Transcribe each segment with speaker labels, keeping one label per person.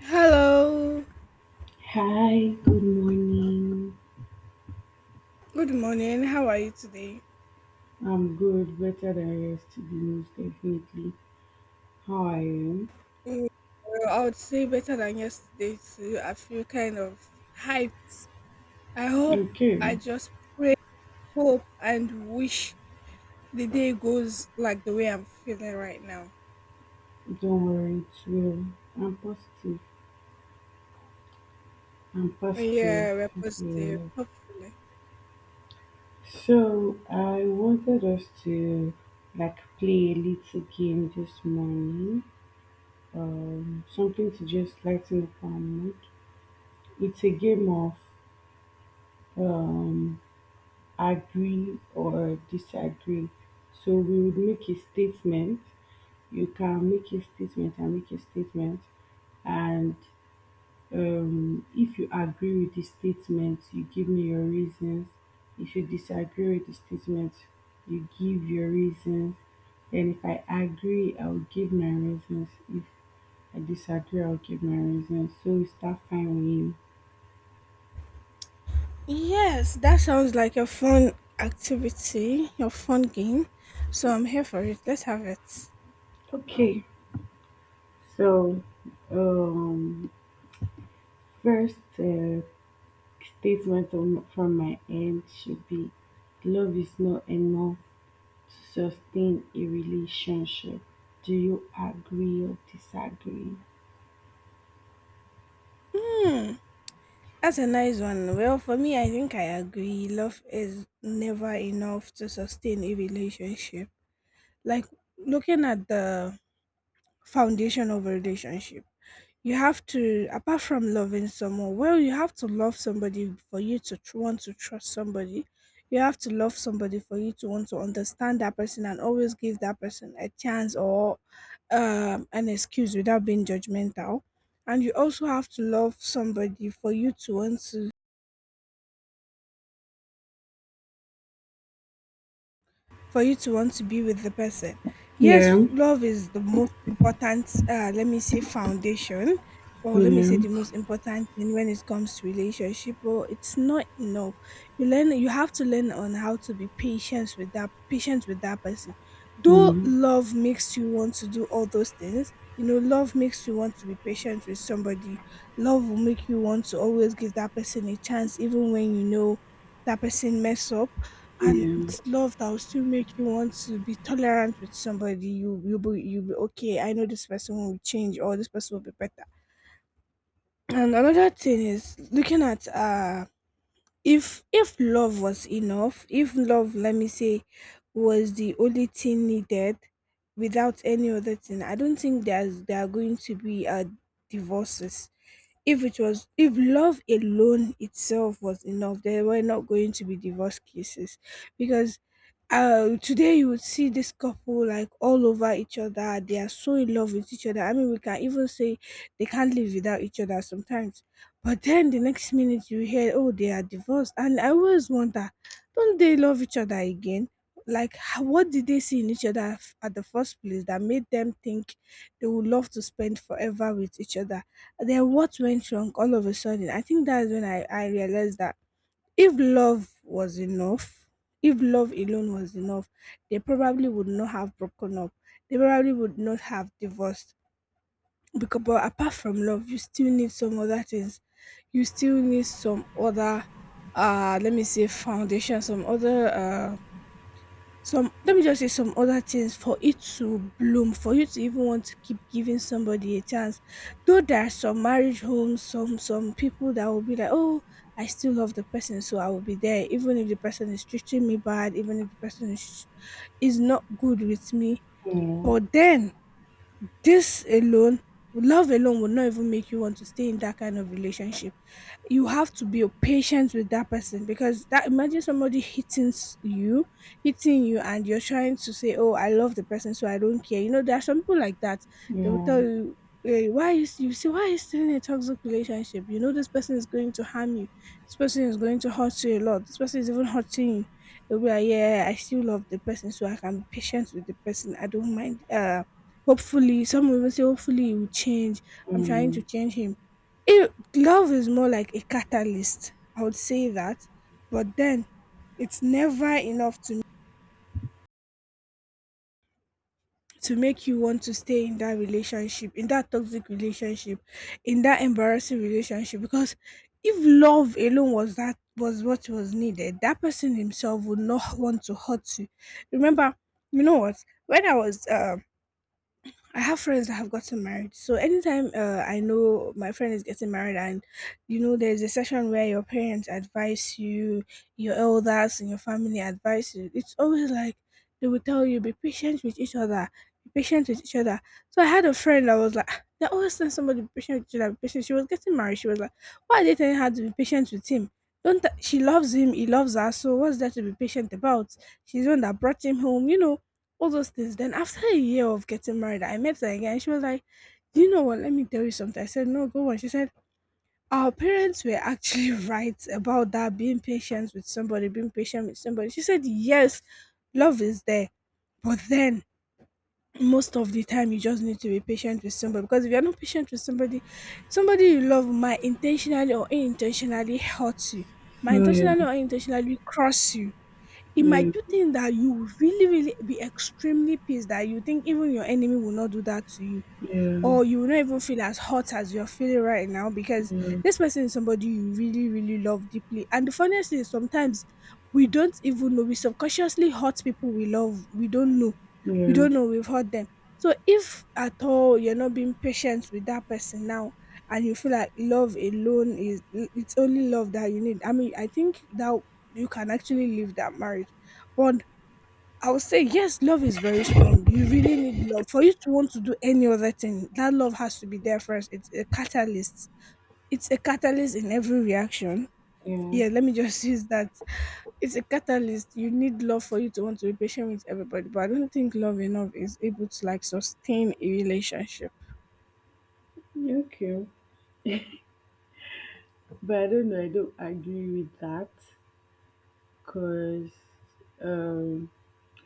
Speaker 1: Hello.
Speaker 2: Hi, good morning.
Speaker 1: Good morning. How are you today?
Speaker 2: I'm good, better than yesterday, most definitely. How are you?
Speaker 1: Mm, well, I would say better than yesterday too. I feel kind of hyped. I hope I
Speaker 2: Okay,
Speaker 1: just pray, hope, and wish the day goes like the way I'm feeling right now.
Speaker 2: don't worry, it's well. I'm positive. I'm positive.
Speaker 1: Yeah, we're positive.
Speaker 2: Yeah.
Speaker 1: Hopefully.
Speaker 2: So I wanted us to, like, play a little game this morning. Something to just lighten up our mood. It's a game of um agree or disagree. So we would make a statement. You can make a statement and make a statement and if you agree with the statement, you give me your reasons. If you disagree with the statement, you give your reasons. And if I agree, I'll give my reasons. If I disagree, I'll give my reasons. So we start finding.
Speaker 1: Yes, that sounds like a fun activity, a fun game. So I'm here for it. Let's have it.
Speaker 2: Okay, so um, first statement on, from my end should be love is not enough sustain a relationship? Do you agree or disagree?
Speaker 1: Hmm. That's a nice one. Well, for me, I think I agree. Love is never enough to sustain a relationship. Like, looking at the foundation of a relationship, you have to, apart from loving someone, well, you have to love somebody for you to want to trust somebody. You have to love somebody for you to want to understand that person and always give that person a chance or an excuse without being judgmental. And you also have to love somebody for you to want to, for you to want to be with the person.
Speaker 2: Yeah.
Speaker 1: Yes, love is the most important, let me say, foundation, or let me say,
Speaker 2: Yeah.
Speaker 1: the most important thing when it comes to relationship. But it's not enough. You have to learn on how to be patient with that person. Though
Speaker 2: Mm,
Speaker 1: love makes you want to do all those things. You know, love makes you want to be patient with somebody. Love will make you want to always give that person a chance, even when you know that person mess up, and
Speaker 2: yeah,
Speaker 1: it's love that will still make you want to be tolerant with somebody. You'll be okay. I know this person will change or this person will be better. And another thing is looking at, if love was enough, if love, let me say, was the only thing needed without any other thing, I don't think there are going to be divorces. If it was, if love alone itself was enough, there were not going to be divorce cases, because today you would see this couple, like, all over each other. They are so in love with each other. I mean, we can even say they can't live without each other sometimes. But then the next minute you hear, oh, they are divorced. And I always wonder, don't they love each other again? Like, what did they see in each other at the first place that made them think they would love to spend forever with each other? Then what went wrong all of a sudden? I think that's when I realized that if love was enough, if love alone was enough, they probably would not have broken up. They probably would not have divorced. Because, but apart from love, you still need some other things. You still need some other, let me say, foundation, some other, some, let me just say, some other things for it to bloom, for you to even want to keep giving somebody a chance. Though there are some marriage homes, some people that will be like, "Oh, I still love the person, so I will be there, even if the person is treating me bad, even if the person is not good with me."
Speaker 2: yeah,
Speaker 1: But then, this alone, love alone, will not even make you want to stay in that kind of relationship. You have to be patient with that person, because that, imagine somebody you hitting you, and you're trying to say, oh, I love the person, so I don't care. You know, there are some people like that. They will
Speaker 2: yeah,
Speaker 1: tell you, eh, why is still in a toxic relationship? You know, this person is going to harm you, this person is going to hurt you a lot, this person is even hurting you. They'll be like, yeah, I still love the person, so I can be patient with the person. I don't mind, hopefully. Some will even say, hopefully he will change, I'm trying to
Speaker 2: mm,
Speaker 1: change him. Love is more like a catalyst, I would say that, but then it's never enough to make you want to stay in that relationship, in that toxic relationship, in that embarrassing relationship, because if love alone was, that was what was needed, that person himself would not want to hurt you. Remember, you know what? When I was I have friends that have gotten married. So anytime, I know my friend is getting married, and, you know, there's a session where your parents advise you, your elders and your family advise you. It's always like they will tell you, be patient with each other, be patient with each other. So I had a friend that was like, "Ah, they always tell somebody be patient with each other, be patient." She was getting married. She was like, why are they telling her to be patient with him? Don't th- She loves him? He loves her. So what's there to be patient about? She's the one that brought him home. You know, all those things. Then after a year of getting married, I met her again. She was like, "Do you know what? Let me tell you something." I said, "No, go on." She said, "Our parents were actually right about that. Being patient with somebody, being patient with somebody." She said, "Yes, love is there, but then." Most of the time, you just need to be patient with somebody, because if you're not patient with somebody, somebody you love might intentionally or unintentionally hurt you, might
Speaker 2: Yeah. Yeah.
Speaker 1: intentionally or unintentionally cross you. It might
Speaker 2: Yeah.
Speaker 1: do things that you would really, really be extremely pissed, that you think even your enemy will not do that to you, or you will not even feel as hot as you're feeling right now, because
Speaker 2: Yeah.
Speaker 1: this person is somebody you really, really love deeply. And the funniest thing is, sometimes we don't even know. We subconsciously hurt people we love. We don't know.
Speaker 2: Yeah.
Speaker 1: We
Speaker 2: Yeah.
Speaker 1: don't know we've hurt them. So if at all you're not being patient with that person now, and you feel like love alone is it's only love that you need. I mean, I think that you can actually leave that marriage. But I would say yes, love is very strong. You really need love. For you to want to do any other thing, that love has to be there first. It's a catalyst. It's a catalyst in every reaction.
Speaker 2: Yeah.
Speaker 1: Yeah, let me just use that. It's a catalyst. You need love for you to want to be patient with everybody. But I don't think love enough is able to like sustain a relationship.
Speaker 2: Okay. But I don't know, I don't agree with that because um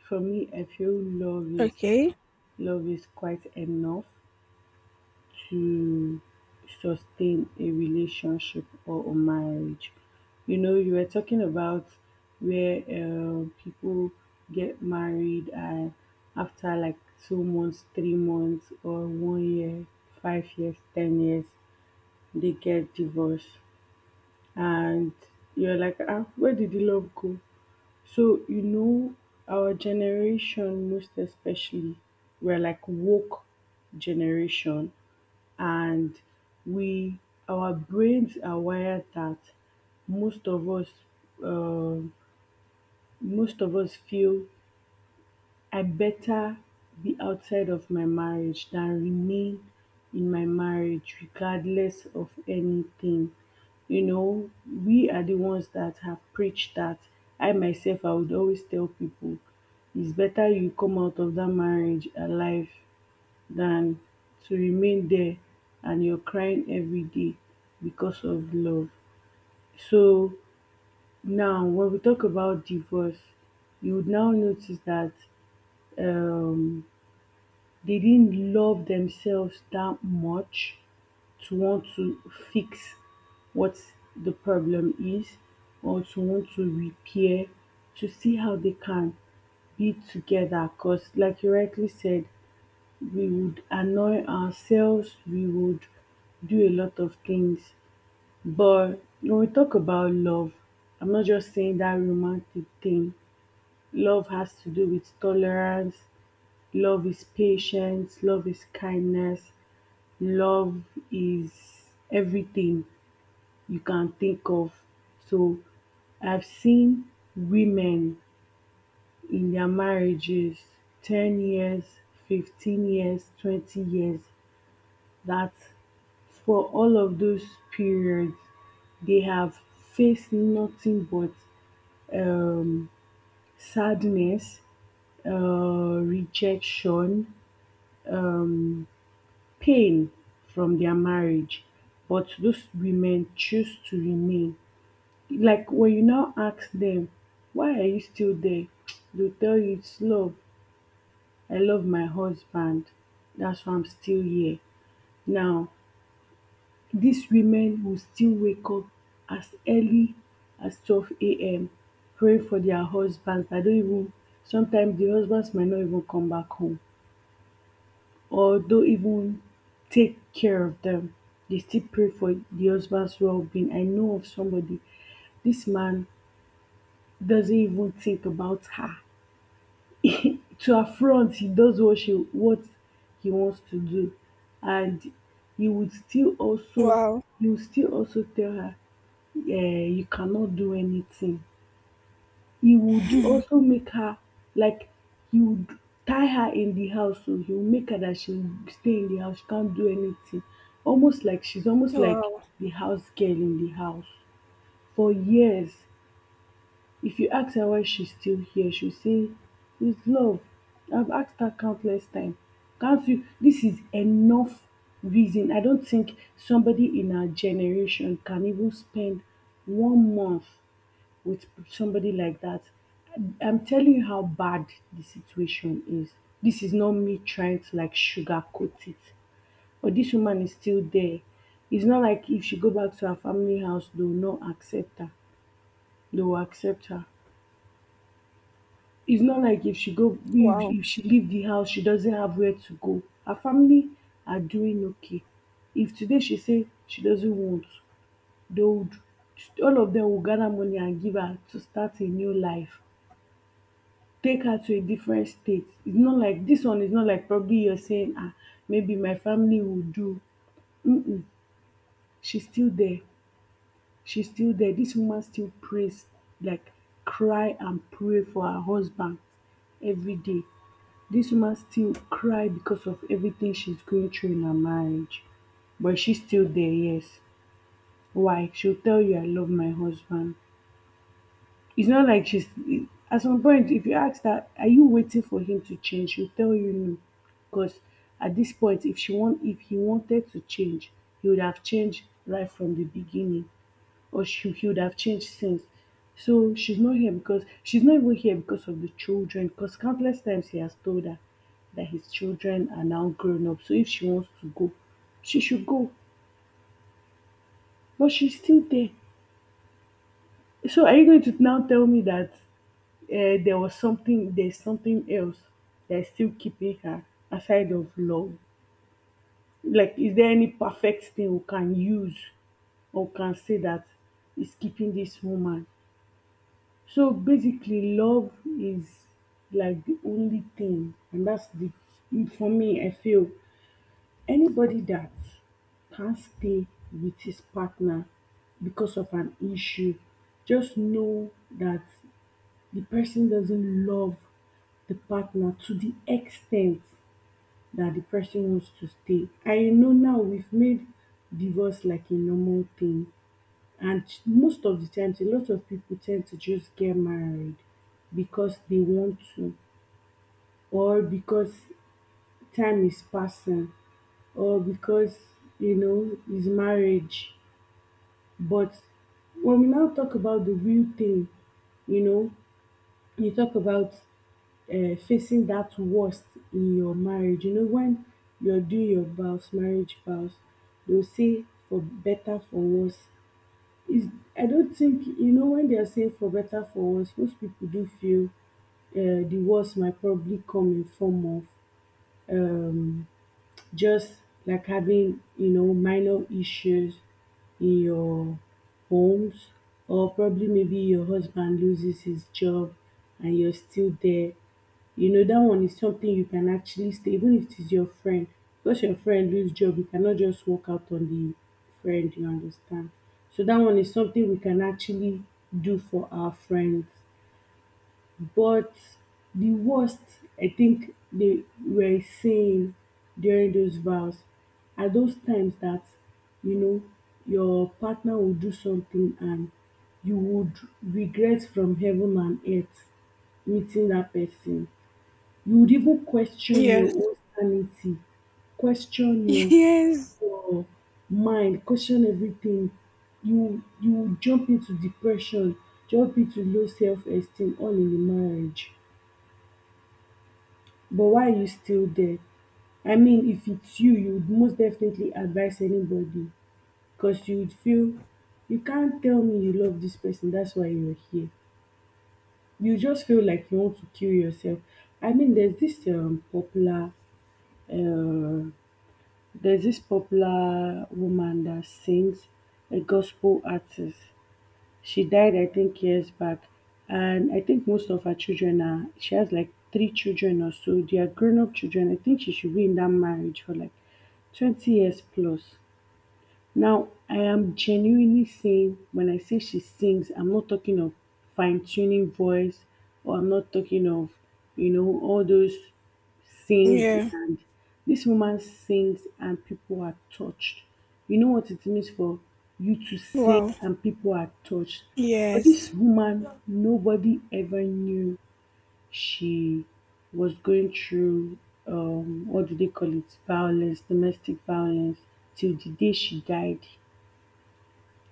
Speaker 2: for me I feel
Speaker 1: Okay.
Speaker 2: love is quite enough to sustain a relationship or a marriage. You know, you were talking about where people get married and after like 2 months, 3 months, or one year, 5 years, 10 years, they get divorced. And you're like, ah, where did the love go? So, you know, our generation, most especially, we're like woke generation and we our brains are wired that most of us uh, most of us feel I better be outside of my marriage than remain in my marriage regardless of anything. You know, we are the ones that have preached that. I myself I would always tell people it's better you come out of that marriage alive than to remain there and you're crying every day because of love. So now, when we talk about divorce, you would now notice that um, they didn't love themselves that much to want to fix what the problem is or to want to repair, to see how they can be together, because like you rightly said, we would annoy ourselves, we would do a lot of things. But when we talk about love, I'm not just saying that romantic thing. Love has to do with tolerance, love is patience, love is kindness, love is everything you can think of. So I've seen women in their marriages 10 years, 15 years, 20 years that, for all of those periods, they have faced nothing but um, sadness, rejection, um, pain from their marriage, but those women choose to remain. Like when you now ask them, why are you still there? They'll tell you it's love. I love my husband. That's why I'm still here. Now, these women will still wake up as early as 12 a.m. praying for their husbands that don't even, sometimes the husbands might not even come back home or don't even take care of them. They still pray for the husband's well-being. I know of somebody, this man doesn't even think about her. To affront, he does what she what he wants to do, and he would still also,
Speaker 1: Wow.
Speaker 2: tell her, eh, you cannot do anything. He would also make her, like, he would tie her in the house, so he would make her that she will stay in the house, she can't do anything. Almost like she's almost like
Speaker 1: Wow.
Speaker 2: the house girl in the house for years. If you ask her why she's still here, she'll say, it's love. I've asked her countless times. Can't you? This is enough reason. I don't think somebody in our generation can even spend one month with somebody like that. I'm telling you how bad the situation is. This is not me trying to, like, sugarcoat it. But this woman is still there. It's not like if she go back to her family house, they will not accept her. They will accept her. It's not like if she go,
Speaker 1: Wow.
Speaker 2: if she leave the house, she doesn't have where to go. Her family are doing okay. If today she say she doesn't want, they would, all of them, will gather money and give her to start a new life, take her to a different state. It's not like, this one is not like probably you're saying ah, maybe my family will do. She's still there. She's still there. This woman still prays, like, cry and pray for her husband every day. This woman still cry because of everything she's going through in her marriage. But she's still there, yes. Why? She'll tell you I love my husband. It's not like she's, at some point if you ask her, are you waiting for him to change? She'll tell you no. Because at this point, if he wanted to change, he would have changed right from the beginning. Or she he would have changed since. So she's not here because, she's not even here because of the children, because countless times he has told her that his children are now grown up. So if she wants to go, she should go. But she's still there. So are you going to now tell me that there's something else that's still keeping her aside of love? Like, is there any perfect thing we can use or can say that is keeping this woman? So basically, love is like the only thing, and that's the, for me. I feel anybody that can't stay with his partner because of an issue, just know that the person doesn't love the partner to the extent that the person wants to stay. I know now we've made divorce like a normal thing, and most of the times, a lot of people tend to just get married because they want to, or because time is passing, or because, you know, it's marriage. But when we now talk about the real thing, you know, you talk about facing that worst in your marriage. You know, when you're doing your vows, marriage vows, they'll say for better, for worse. Is I don't think, you know, when they're saying for better, for worse, most people do feel the worst might probably come in form of um just like having, you know, minor issues in your homes, or probably maybe your husband loses his job and you're still there. You know, that one is something you can actually stay, even if it is your friend, because your friend lose job, you cannot just walk out on the friend, you understand? So that one is something we can actually do for our friends. But the worst, I think, they were saying during those vows are those times that, you know, your partner will do something and you would regret from heaven and earth meeting that person. You would even question your
Speaker 1: Yes.
Speaker 2: own sanity, question
Speaker 1: Yes.
Speaker 2: your mind, question everything. You would jump into depression, jump into low self esteem all in the marriage. But why are you still there? I mean, if it's you, you would most definitely advise anybody because you would feel you can't tell me you love this person, that's why you're here. You just feel like you want to kill yourself. I mean, there's this uh, there's this popular woman that sings, a gospel artist. She died, I think, years back. And I think most of her children are, she has like three children or so. They are grown up children. I think she should be in that marriage for like 20 years plus. Now, I am genuinely saying when I say she sings, I'm not talking of fine tuning voice, or I'm not talking of, you know, all those sing
Speaker 1: Yeah.
Speaker 2: and, this woman sings and people are touched. You know what it means for you to sing
Speaker 1: Wow.
Speaker 2: and people are touched. But
Speaker 1: Yes.
Speaker 2: this woman, nobody ever knew she was going through what do they call it? Violence, domestic violence, till the day she died.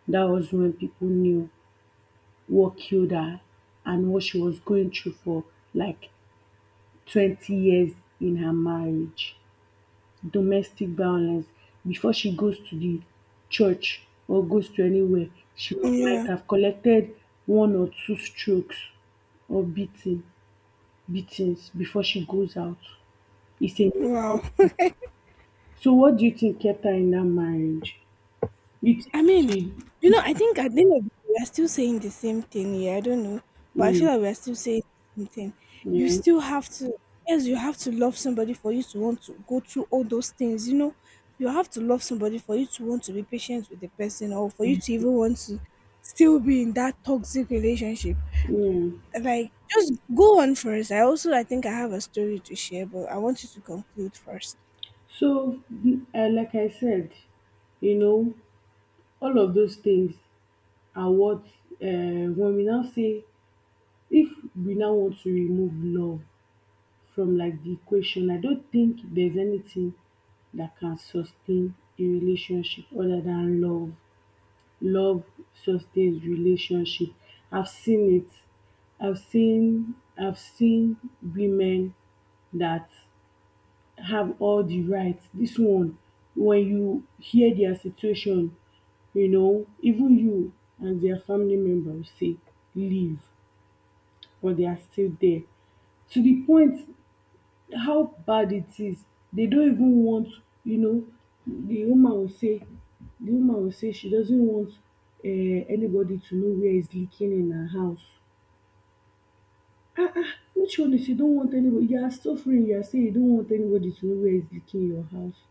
Speaker 2: That was when people knew what killed her and what she was going through for like 20 years in her marriage. Domestic violence. Before she goes to the church or goes to anywhere, she might
Speaker 1: Yeah.
Speaker 2: have collected one or two strokes or beatings before she goes out. It's a
Speaker 1: Wow.
Speaker 2: normal thing. So what do you think kept her in that marriage? You think
Speaker 1: I mean,
Speaker 2: she,
Speaker 1: you know, I think at the end of the day, we are still saying the same thing here. I don't know, but I feel
Speaker 2: yeah,
Speaker 1: like we are still saying the same thing. You
Speaker 2: yeah,
Speaker 1: still have to, yes, you have to love somebody for you to want to go through all those things. You know, you have to love somebody for you to want to be patient with the person, or for you to even want to still be in that toxic relationship.
Speaker 2: yeah.
Speaker 1: Like, just go on first. I also, I think I have a story to share, but I want you to conclude first.
Speaker 2: So like I said, you know, all of those things are what, when we now say, if we now want to remove love from like the equation, I don't think there's anything that can sustain a relationship other than love. Love sustains relationship. I've seen it. I've seen, women that have all the rights. This one, when you hear their situation, you know, even you and their family members say leave, but they are still there. To the point how bad it is, they don't even want, you know, the woman will say she doesn't want uh, anybody to know where is leaking in her house. Which one is you don't want anybody, you are suffering, you are saying you don't want anybody to know where is leaking in your house.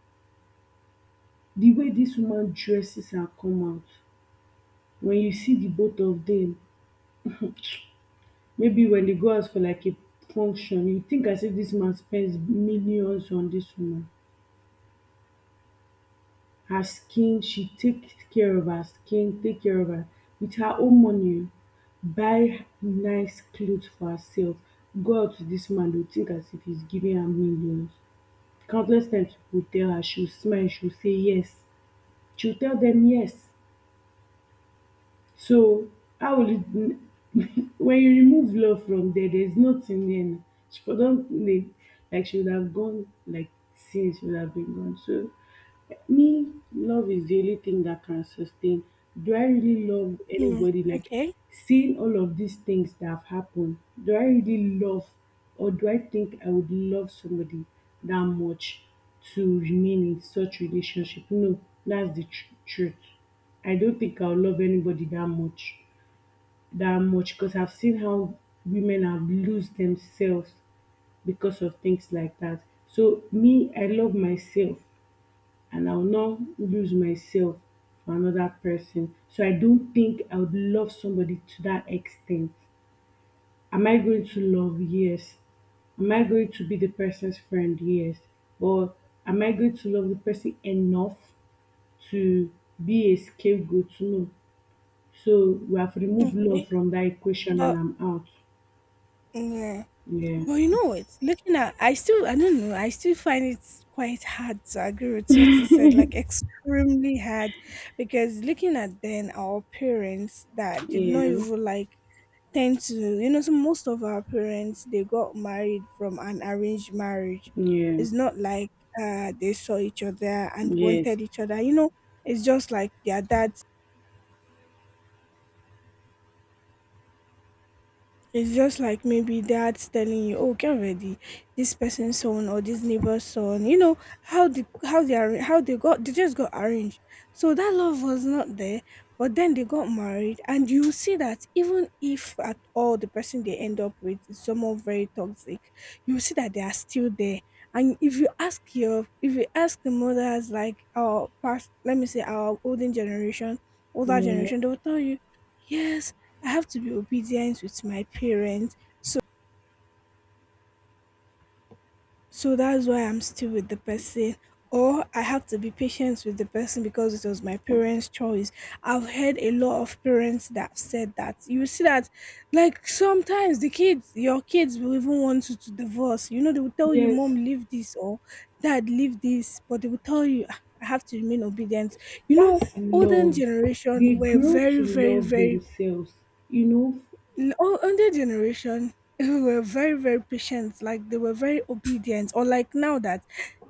Speaker 2: The way dis woman dresses her come out, when you see the both of dem, maybe when they go out for like a function, you think as if dis man spend millions on dis woman. Her skin, she take care of her skin, take care of her with her own money oh. Buy nice cloth for herself, go out with dis man, you think as if he's giving her millions. Countless times pipu will tell her, she will smile, she will say yes. She will tell dem yes. So how will it, when you remove love from there, there's nothing there now. She for don't like she would have gone, like since she would have been gone. So me, love is the only thing that can sustain. Do I really love
Speaker 1: Mm,
Speaker 2: anybody? Like
Speaker 1: okay,
Speaker 2: seeing all of these things that have happened, do I really love, or do I think I would love somebody that much to remain in such relationship? No, that's the truth. I don't think I'll love anybody that much that much, because I've seen how women have lose themselves because of things like that. So me, I love myself and I'll not lose myself for another person. So I don't think I would love somebody to that extent. Am I going to love? Yes. Am I going to be the person's friend? Yes. But am I going to love the person enough to be a scapegoat? No. So we have removed
Speaker 1: okay,
Speaker 2: love from that equation and
Speaker 1: but
Speaker 2: I'm out.
Speaker 1: yeah.
Speaker 2: Yeah.
Speaker 1: But you know what? Looking at, I still, I don't know, I still find it quite hard to agree with what you said, like extremely hard, because looking at then our parents that did not
Speaker 2: Yeah.
Speaker 1: even like tend to, you know, so most of our parents, they got married from an arranged marriage.
Speaker 2: Yeah.
Speaker 1: It's not like they saw each other and
Speaker 2: Yes.
Speaker 1: wanted each other. You know, it's just like their dad, it's just like maybe dad's telling you, "Oh, get ready, this person's son or this neighbor's son." You know how the how they are how they got they just got arranged. So that love was not there, but then they got married, and you see that even if at all the person they end up with is someone very toxic, you see that they are still there. And if you ask the mothers, like our past, let me say our olden generation, older
Speaker 2: Yeah.
Speaker 1: generation, they will tell you. Yes, I have to be obedient with my parents. So so that's why I'm still with the person. Or I have to be patient with the person because it was my parents' choice. I've heard a lot of parents that said that. You see that, like, sometimes the kids, your kids, will even want you to divorce. You know, they will tell you, Mom,
Speaker 2: Yes.
Speaker 1: leave this, or Dad, leave this, but they will tell you, "Ah, I have to remain obedient. You know,
Speaker 2: That's
Speaker 1: olden
Speaker 2: love.
Speaker 1: generation
Speaker 2: They
Speaker 1: were
Speaker 2: grow
Speaker 1: very,
Speaker 2: to
Speaker 1: very,
Speaker 2: love
Speaker 1: very
Speaker 2: themselves. You know?
Speaker 1: Older generation were very patient. Like they were very obedient. Or like now that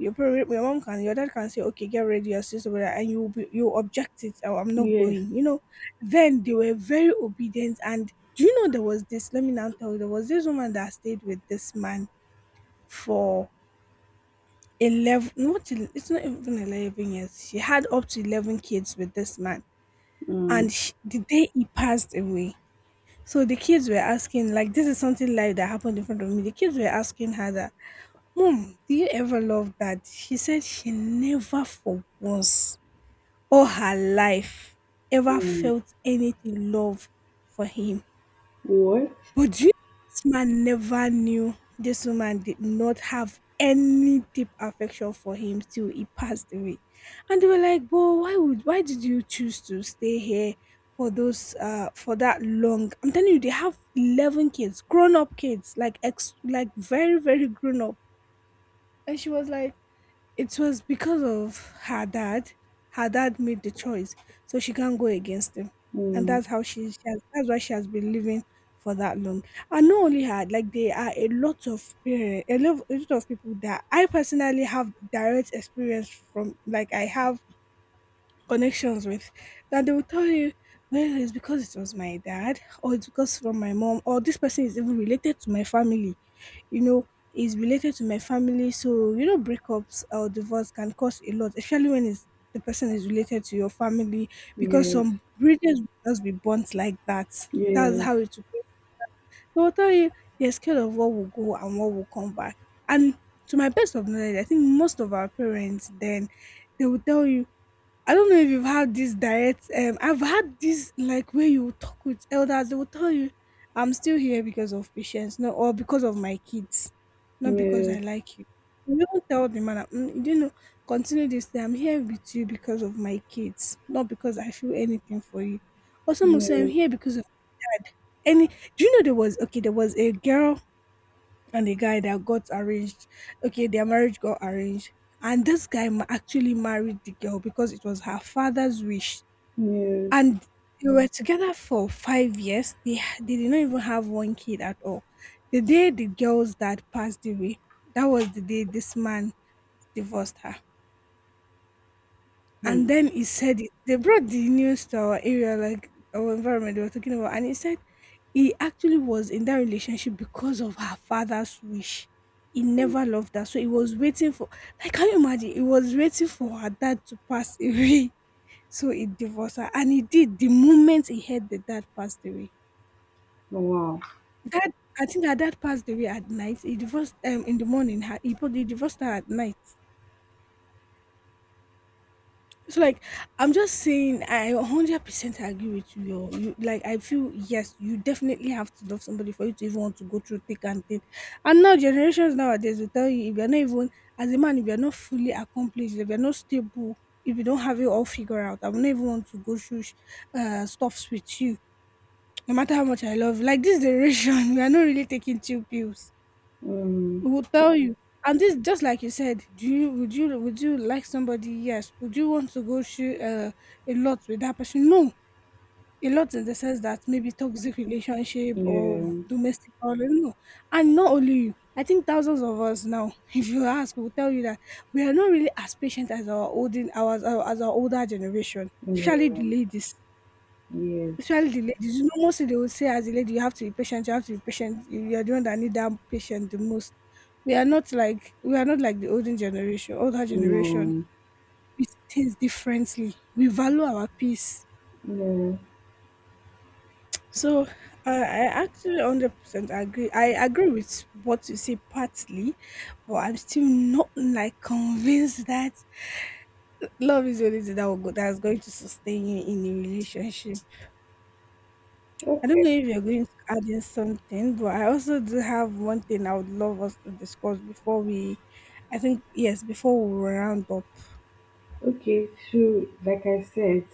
Speaker 1: your mom can, your dad can say, okay, get ready, your and you will be, you object it, oh, I'm not
Speaker 2: Yes.
Speaker 1: going, you know. Then they were very obedient. And do you know, there was this, let me now tell you, there was this woman that stayed with this man for 11, not el- it's not even 11 years, she had up to 11 kids with this man. And the day he passed away, so the kids were asking, like, this is something live that happened in front of me. The kids were asking her that, Mom, do you ever love dad? She said she never, for once, all her life, ever
Speaker 2: Mm.
Speaker 1: felt anything, love for him.
Speaker 2: What?
Speaker 1: But do you know, this man never knew this woman did not have any deep affection for him till he passed away. And they were like, But why would why did you choose to stay here for those for that long? I'm telling you, they have 11 kids, grown up kids, like very, very grown up. And she was like, it was because of her dad. Her dad made the choice, so she can't go against him, and
Speaker 2: Mm.
Speaker 1: that's why she has been living for that long. And not only her, like there are a lot of parents, a lot of people that I personally have direct experience from. Like I have connections with, that they will tell you, well, it's because it was my dad, or it's because from my mom, or this person is even related to my family, you know, is related to my family. So you know, breakups or divorce can cost a lot, especially when the person is related to your family, because
Speaker 2: Yes.
Speaker 1: some bridges will just be burnt like that. That's
Speaker 2: Yes.
Speaker 1: how it will go. They will tell you, you're scared of what will go and what will come back. And to my best of knowledge, I think most of our parents then, they will tell you, I don't know if you've had this direct. I've had this like where you talk with elders. They will tell you, "I'm still here because of patience, no, or because of my kids, not because I
Speaker 2: Yes.
Speaker 1: like you." You don't tell the man, you know, continue this thing. I'm here with you because of my kids, not because I feel anything for you. Or some will say, "I'm
Speaker 2: Yes.
Speaker 1: here because of any." Do you know, there was, okay? There was a girl and a guy that got arranged. Okay, their marriage got arranged, and this guy actually married the girl because it was her father's wish,
Speaker 2: Yes.
Speaker 1: and they were together for 5 years. They did not even have one kid at all. The day the girl's dad passed away, that was the day this man divorced her.
Speaker 2: Mm. Mm.
Speaker 1: And then he said it. They brought the news to our area, like our environment they were talking about, and he said he actually was in that relationship because of her father's wish. He never loved her, so he was waiting for. Like, can you imagine? He was waiting for her dad to pass away, so he divorced her, and he did the moment he heard that dad passed away.
Speaker 2: Wow.
Speaker 1: Dad, I think her dad passed away at night. He divorced in the morning. Her he probably divorced her at night. So like, I'm just saying, I 100% agree with you. Yo. You Like I feel, yes, you definitely have to love somebody for you to even want to go through thick and thin. And now generations nowadays will tell you, if you're not even, as a man, if you're not fully accomplished, if you're not stable, if you don't have it all figured out, I will not even want to go through stuffs with you, no matter how much I love. Like this generation, we are not really taking chill pills.
Speaker 2: Um,
Speaker 1: We will tell you. And this, just like you said, do you would you, would you like somebody? Yes. Would you want to go through a lot with that person? No. A lot in the sense that maybe toxic relationship or
Speaker 2: yeah.
Speaker 1: domestic violence. No. And not only you. I think thousands of us now, if you ask, will tell you that we are not really as patient as our olden, our as our older generation, surely
Speaker 2: Yeah.
Speaker 1: the ladies.
Speaker 2: Yes.
Speaker 1: Especially the ladies, you know, mostly they will say, as a lady, you have to be patient, you have to be patient. You are the one that need that patient the most. We are not like, we are not like the olden generation, older generation.
Speaker 2: No.
Speaker 1: We see things differently. We value our peace.
Speaker 2: Yeah.
Speaker 1: So I actually 100% agree. I agree with what you say partly, but I'm still not like convinced that love is the only thing that that's going to sustain you in a relationship. I don't
Speaker 2: Okay.
Speaker 1: know if you're going to add in something, but I also do have one thing I would love us to discuss before we, I think, yes, before we round up.
Speaker 2: Okay, so like I said,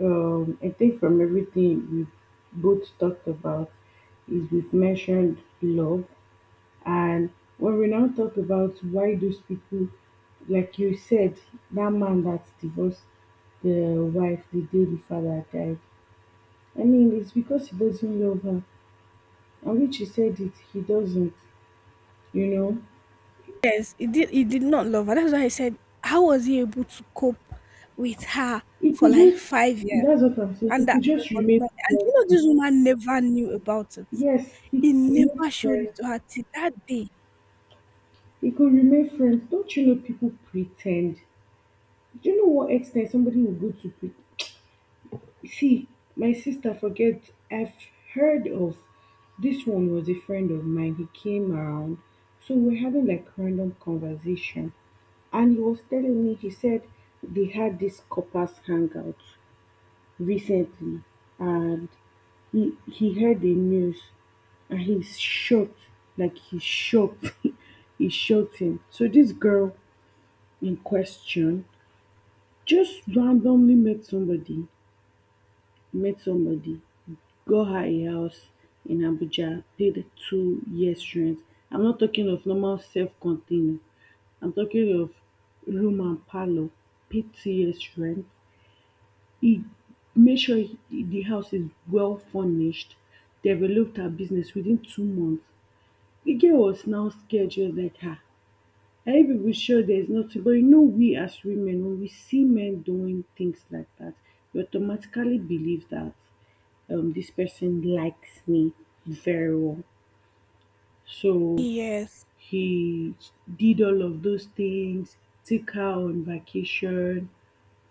Speaker 2: I think from everything we both talked about is we've mentioned love, and when we now talk about why those people, like you said, that man that divorced the wife the day the father died. I mean, it's because he doesn't love her, and which he said it, he doesn't. You know,
Speaker 1: Yes, he did. He did not love her. That's why I said, how was he able to cope with her
Speaker 2: he
Speaker 1: for
Speaker 2: could
Speaker 1: like
Speaker 2: just.
Speaker 1: 5 years?
Speaker 2: That's what I'm saying. He
Speaker 1: And that
Speaker 2: could
Speaker 1: love
Speaker 2: just
Speaker 1: was
Speaker 2: remain
Speaker 1: not. And
Speaker 2: friends.
Speaker 1: you know, this woman never knew about it.
Speaker 2: Yes, he
Speaker 1: He
Speaker 2: could remain
Speaker 1: never showed it
Speaker 2: friends.
Speaker 1: to her till that day.
Speaker 2: It could remain friends. Don't you know people pretend? Do you know what extent somebody will go to see? My sister, forget, I've heard of, this one was a friend of mine. He came around, so we're having like random conversation, and he was telling me, he said they had this coppers hangout recently, and he heard the news and he's shocked, like he's shocked. He's shocked him. So this girl in question just randomly met somebody, met somebody, got her a house in Abuja, paid 2 years rent. I'm not talking of normal self-contained. I'm talking of room and parlor, paid 2 years rent. He made sure the house is well furnished, developed her business within 2 months. The girl was now scared, just like, ah, every people sure there's nothing. But you know, we as women, when we see men doing things like that, we automatically believe that, this person likes me very well. So
Speaker 1: Yes.
Speaker 2: he did all of those things, took her on vacation.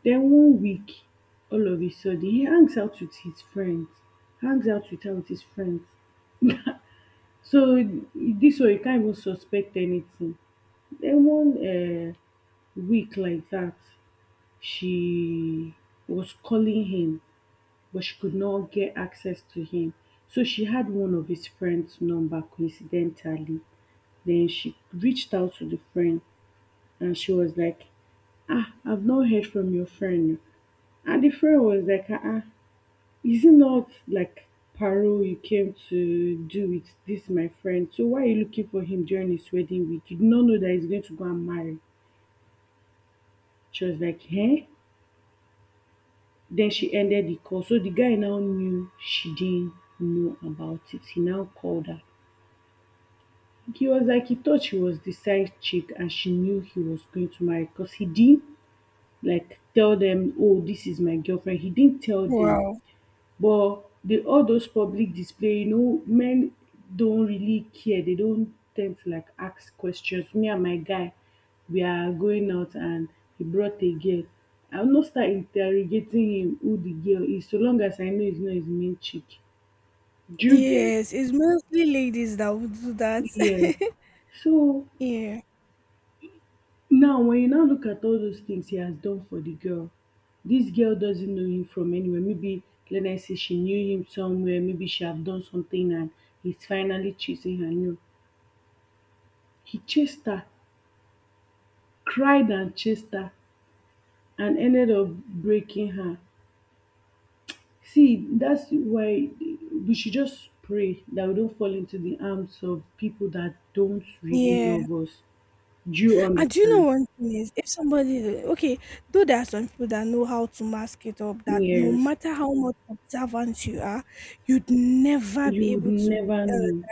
Speaker 2: Then one week, all of a sudden, he hangs out with his friends, hangs out with her with his friends. So this way, you can't even suspect anything. Then one week like that, she was calling him, but she could not get access to him. So she had one of his friend's number, coincidentally. Then she reached out to the friend and she was like, "Ah, I've not heard from your friend." And the friend was like, "Ah, ah, is it not like Paro you came to do with, this my friend? So why are you looking for him during his wedding week? You did not know that he's going to go and marry." She was like, "Huh?" Then she ended the call. So the guy now knew she didn't know about it. He now called her. He was like, he thought she was the side chick and she knew he was going to marry, because he didn't like tell them, "Oh, this is my girlfriend." He didn't tell them.
Speaker 1: Wow.
Speaker 2: But the all those public display, men don't really care. They don't tend to like ask questions. Me and my guy, we are going out and he brought a girl. I'll not start interrogating him who the girl is, so long as I know it's not his main chick. Do you get?
Speaker 1: Yes, it's mostly ladies that would do that.
Speaker 2: Yes. So
Speaker 1: Yeah.
Speaker 2: now, when you now look at all those things he has done for the girl, this girl doesn't know him from anywhere. Maybe let us say she knew him somewhere, maybe she have done something and he's finally chasing her. No, he chased her, cried and chased her, and ended up breaking her. See, that's why we should just pray that we don't fall into the arms of people that don't really
Speaker 1: Yeah.
Speaker 2: love us. Do you
Speaker 1: And do you know,
Speaker 2: understand?
Speaker 1: one thing is, if somebody, okay, though there are some people that know how to mask it up, that no
Speaker 2: Yes.
Speaker 1: matter how much observant you are, you'd never
Speaker 2: You
Speaker 1: be
Speaker 2: would
Speaker 1: able to.
Speaker 2: never know.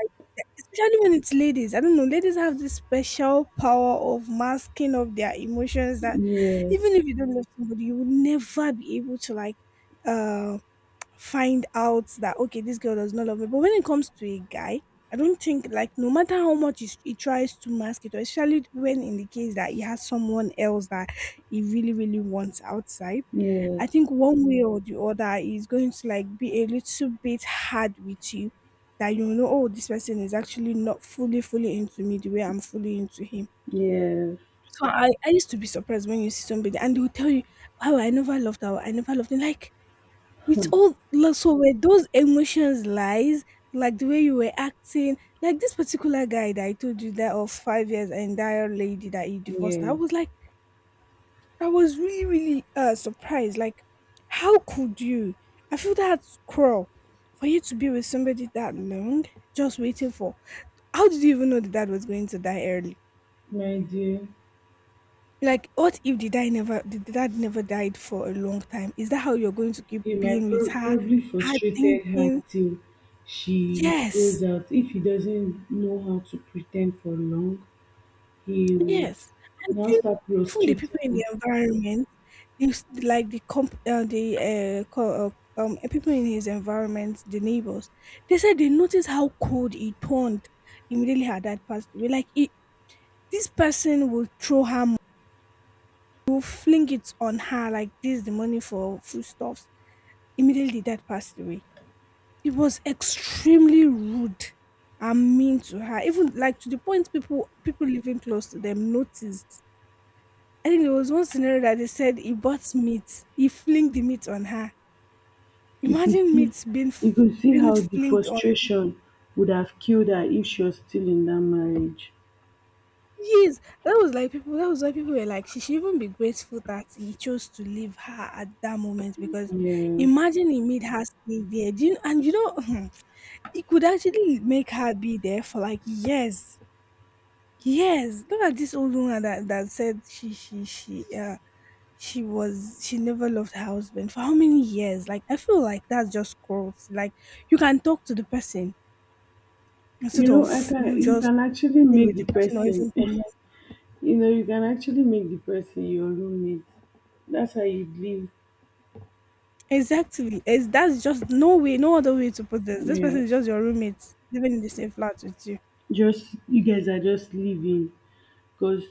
Speaker 1: Especially when it's ladies, I don't know. Ladies have this special power of masking of their emotions that
Speaker 2: Yes.
Speaker 1: even if you don't love somebody, you will never be able to like, uh, find out that, okay, this girl does not love me. But when it comes to a guy, I don't think, like, no matter how much he tries to mask it, or especially when in the case that he has someone else that he really really wants outside.
Speaker 2: Yes.
Speaker 1: I think one way or the other is going to like be a little bit hard with you, that you know, oh, this person is actually not fully fully into me the way I'm fully into him.
Speaker 2: Yes,
Speaker 1: So I used to be surprised when you see somebody and they will tell you, wow, I never loved her, I never loved him. Like, with all like, so were those emotions lies, like the way you were acting, like this particular guy that I told you that of 5 years and that other lady that you divorced, I
Speaker 2: yes,
Speaker 1: was like, I was really really surprised. Like, how could you? I feel that's cruel, for you to be with somebody that long just waiting for, how did you even know the dad was going to die early?
Speaker 2: my dear.
Speaker 1: Like, what if the dad never, the dad never died for a long time, is that how you're going to keep
Speaker 2: It might
Speaker 1: being with her?
Speaker 2: probably
Speaker 1: Her
Speaker 2: frustrated her
Speaker 1: thinking,
Speaker 2: till she goes
Speaker 1: yes.
Speaker 2: out. If he doesn't know how to pretend for long, he would
Speaker 1: Yes, I
Speaker 2: now
Speaker 1: think
Speaker 2: start
Speaker 1: even the
Speaker 2: frustrating
Speaker 1: people in
Speaker 2: her.
Speaker 1: the environment, this like the comp, the co- people in his environment, the neighbors, they said they noticed how cold he turned immediately her dad passed away. Like it, this person will throw her, will fling it on her like this, the money for foodstuffs. Immediately, the dad passed away. It was extremely rude and mean to her, even like to the point people people living close to them noticed. I think there was one scenario that they said he bought meat. He flinged the meat on her.
Speaker 2: You could
Speaker 1: Imagine
Speaker 2: see,
Speaker 1: meat being
Speaker 2: you could see
Speaker 1: being
Speaker 2: how the
Speaker 1: flinged on.
Speaker 2: frustration would have killed her if she was still in that marriage.
Speaker 1: Yes, that was like people. That was why people were like, she should even be grateful that he chose to leave her at that moment, because
Speaker 2: Yeah,
Speaker 1: imagine he made her stay there. Do you, and you know, it could actually make her be there for like years. Years. Look at this old woman that, that said she never loved her husband for how many years. Like, I feel like that's just cruelty. Like, you can talk to the person instead
Speaker 2: I
Speaker 1: of
Speaker 2: can.
Speaker 1: you
Speaker 2: You
Speaker 1: just
Speaker 2: can actually
Speaker 1: stay
Speaker 2: make
Speaker 1: with
Speaker 2: the
Speaker 1: the person or
Speaker 2: person.
Speaker 1: even for more.
Speaker 2: You can actually make the person your roommate. That's how you live.
Speaker 1: Exactly, is, that's just no way, no other way to put this, this person
Speaker 2: Yes.
Speaker 1: is just your roommate living in the same flat with you,
Speaker 2: Just, you guys are just living, because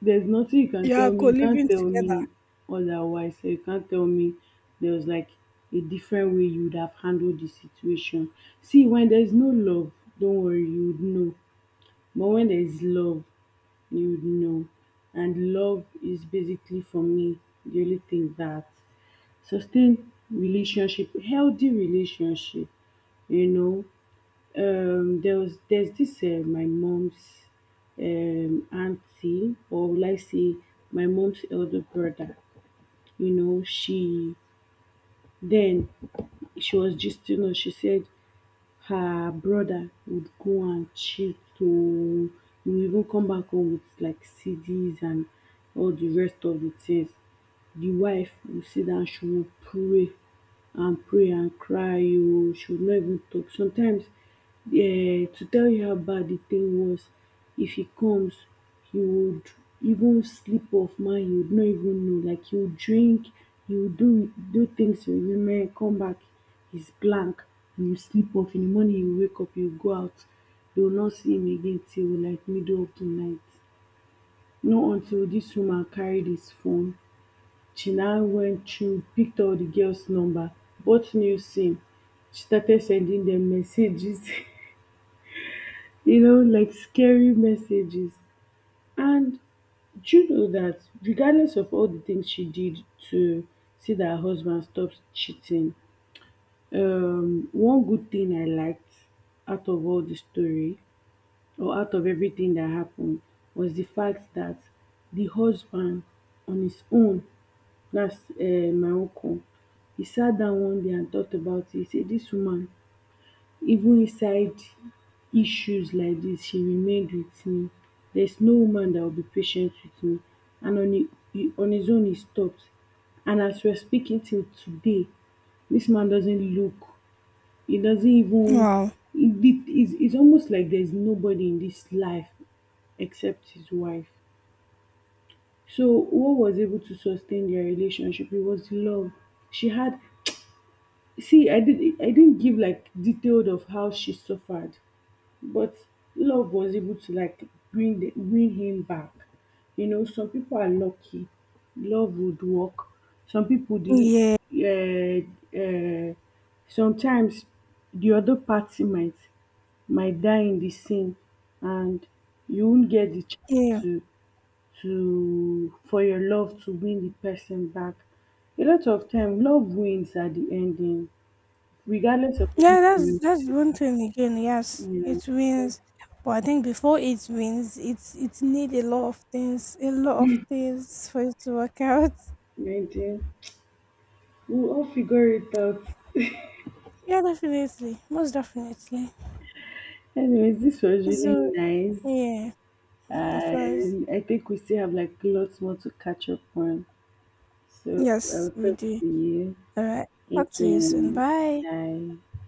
Speaker 2: there's nothing you can
Speaker 1: you are
Speaker 2: tell me. You can't
Speaker 1: co-living
Speaker 2: tell
Speaker 1: together.
Speaker 2: me otherwise. So you can't tell me there was like a different way you would have handled the situation. See, when there's no love, don't worry, you would know. But when there's love, you would know. And love is basically, for me, the only thing that sustain relationship, healthy relationship. you know there's this my mom's auntie, or will I say my mom's elder brother. She then she was just, she said her brother would go and cheat to, he would even come back home with like CDs and all the rest of the things. The wife will sit down, she will pray and pray and cry. You should not even talk. Sometimes, to tell you how bad the thing was, if he comes, he would even sleep off man, you would not even know. Like he would drink, he would do things with women, come back, he's blank, and you sleep off. In the morning, you wake up, you go out. You will not see him again till like middle of the night. Not until this woman carried his phone, she now went through, picked all the girls' number, bought new SIM, she started sending them messages, like scary messages. And do you know that regardless of all the things she did to see that her husband stops cheating, one good thing I liked out of all the story, or out of everything that happened, was the fact that the husband on his own. That's my uncle. He sat down one day and thought about it. He said, this woman, even inside issues like this, she remained with me. There's no woman that will be patient with me. And on he on his own, he stopped. And as we're speaking till today, this man doesn't look, he doesn't even,
Speaker 1: Wow.
Speaker 2: he did, it's almost like there's nobody in this life except his wife. So what was able to sustain their relationship, it was love she had. See, I didn't give like detailed of how she suffered, but love was able to like bring him back. You know, some people are lucky. Love would work. Some people did.
Speaker 1: yeah
Speaker 2: Uh, uh, Sometimes the other party might die in the scene, and you won't get the chance
Speaker 1: yeah.
Speaker 2: to for your love to win the person back. A lot of time, love wins at the ending regardless of
Speaker 1: Yeah
Speaker 2: everything we
Speaker 1: that's
Speaker 2: see
Speaker 1: one thing again, yes, it
Speaker 2: online,
Speaker 1: wins, but I think before it wins, it's it need a lot of things, a lot of things for it to work out.
Speaker 2: my, we'll all figure it out.
Speaker 1: Yeah, definitely. Most definitely.
Speaker 2: Anyways, this was really
Speaker 1: So,
Speaker 2: nice.
Speaker 1: yeah, it was.
Speaker 2: And I think we still have like lots more to catch up on. So
Speaker 1: Yes,
Speaker 2: I'll
Speaker 1: we
Speaker 2: talk
Speaker 1: do.
Speaker 2: to you
Speaker 1: All right. Talk to you soon.
Speaker 2: again.
Speaker 1: Bye.
Speaker 2: Bye.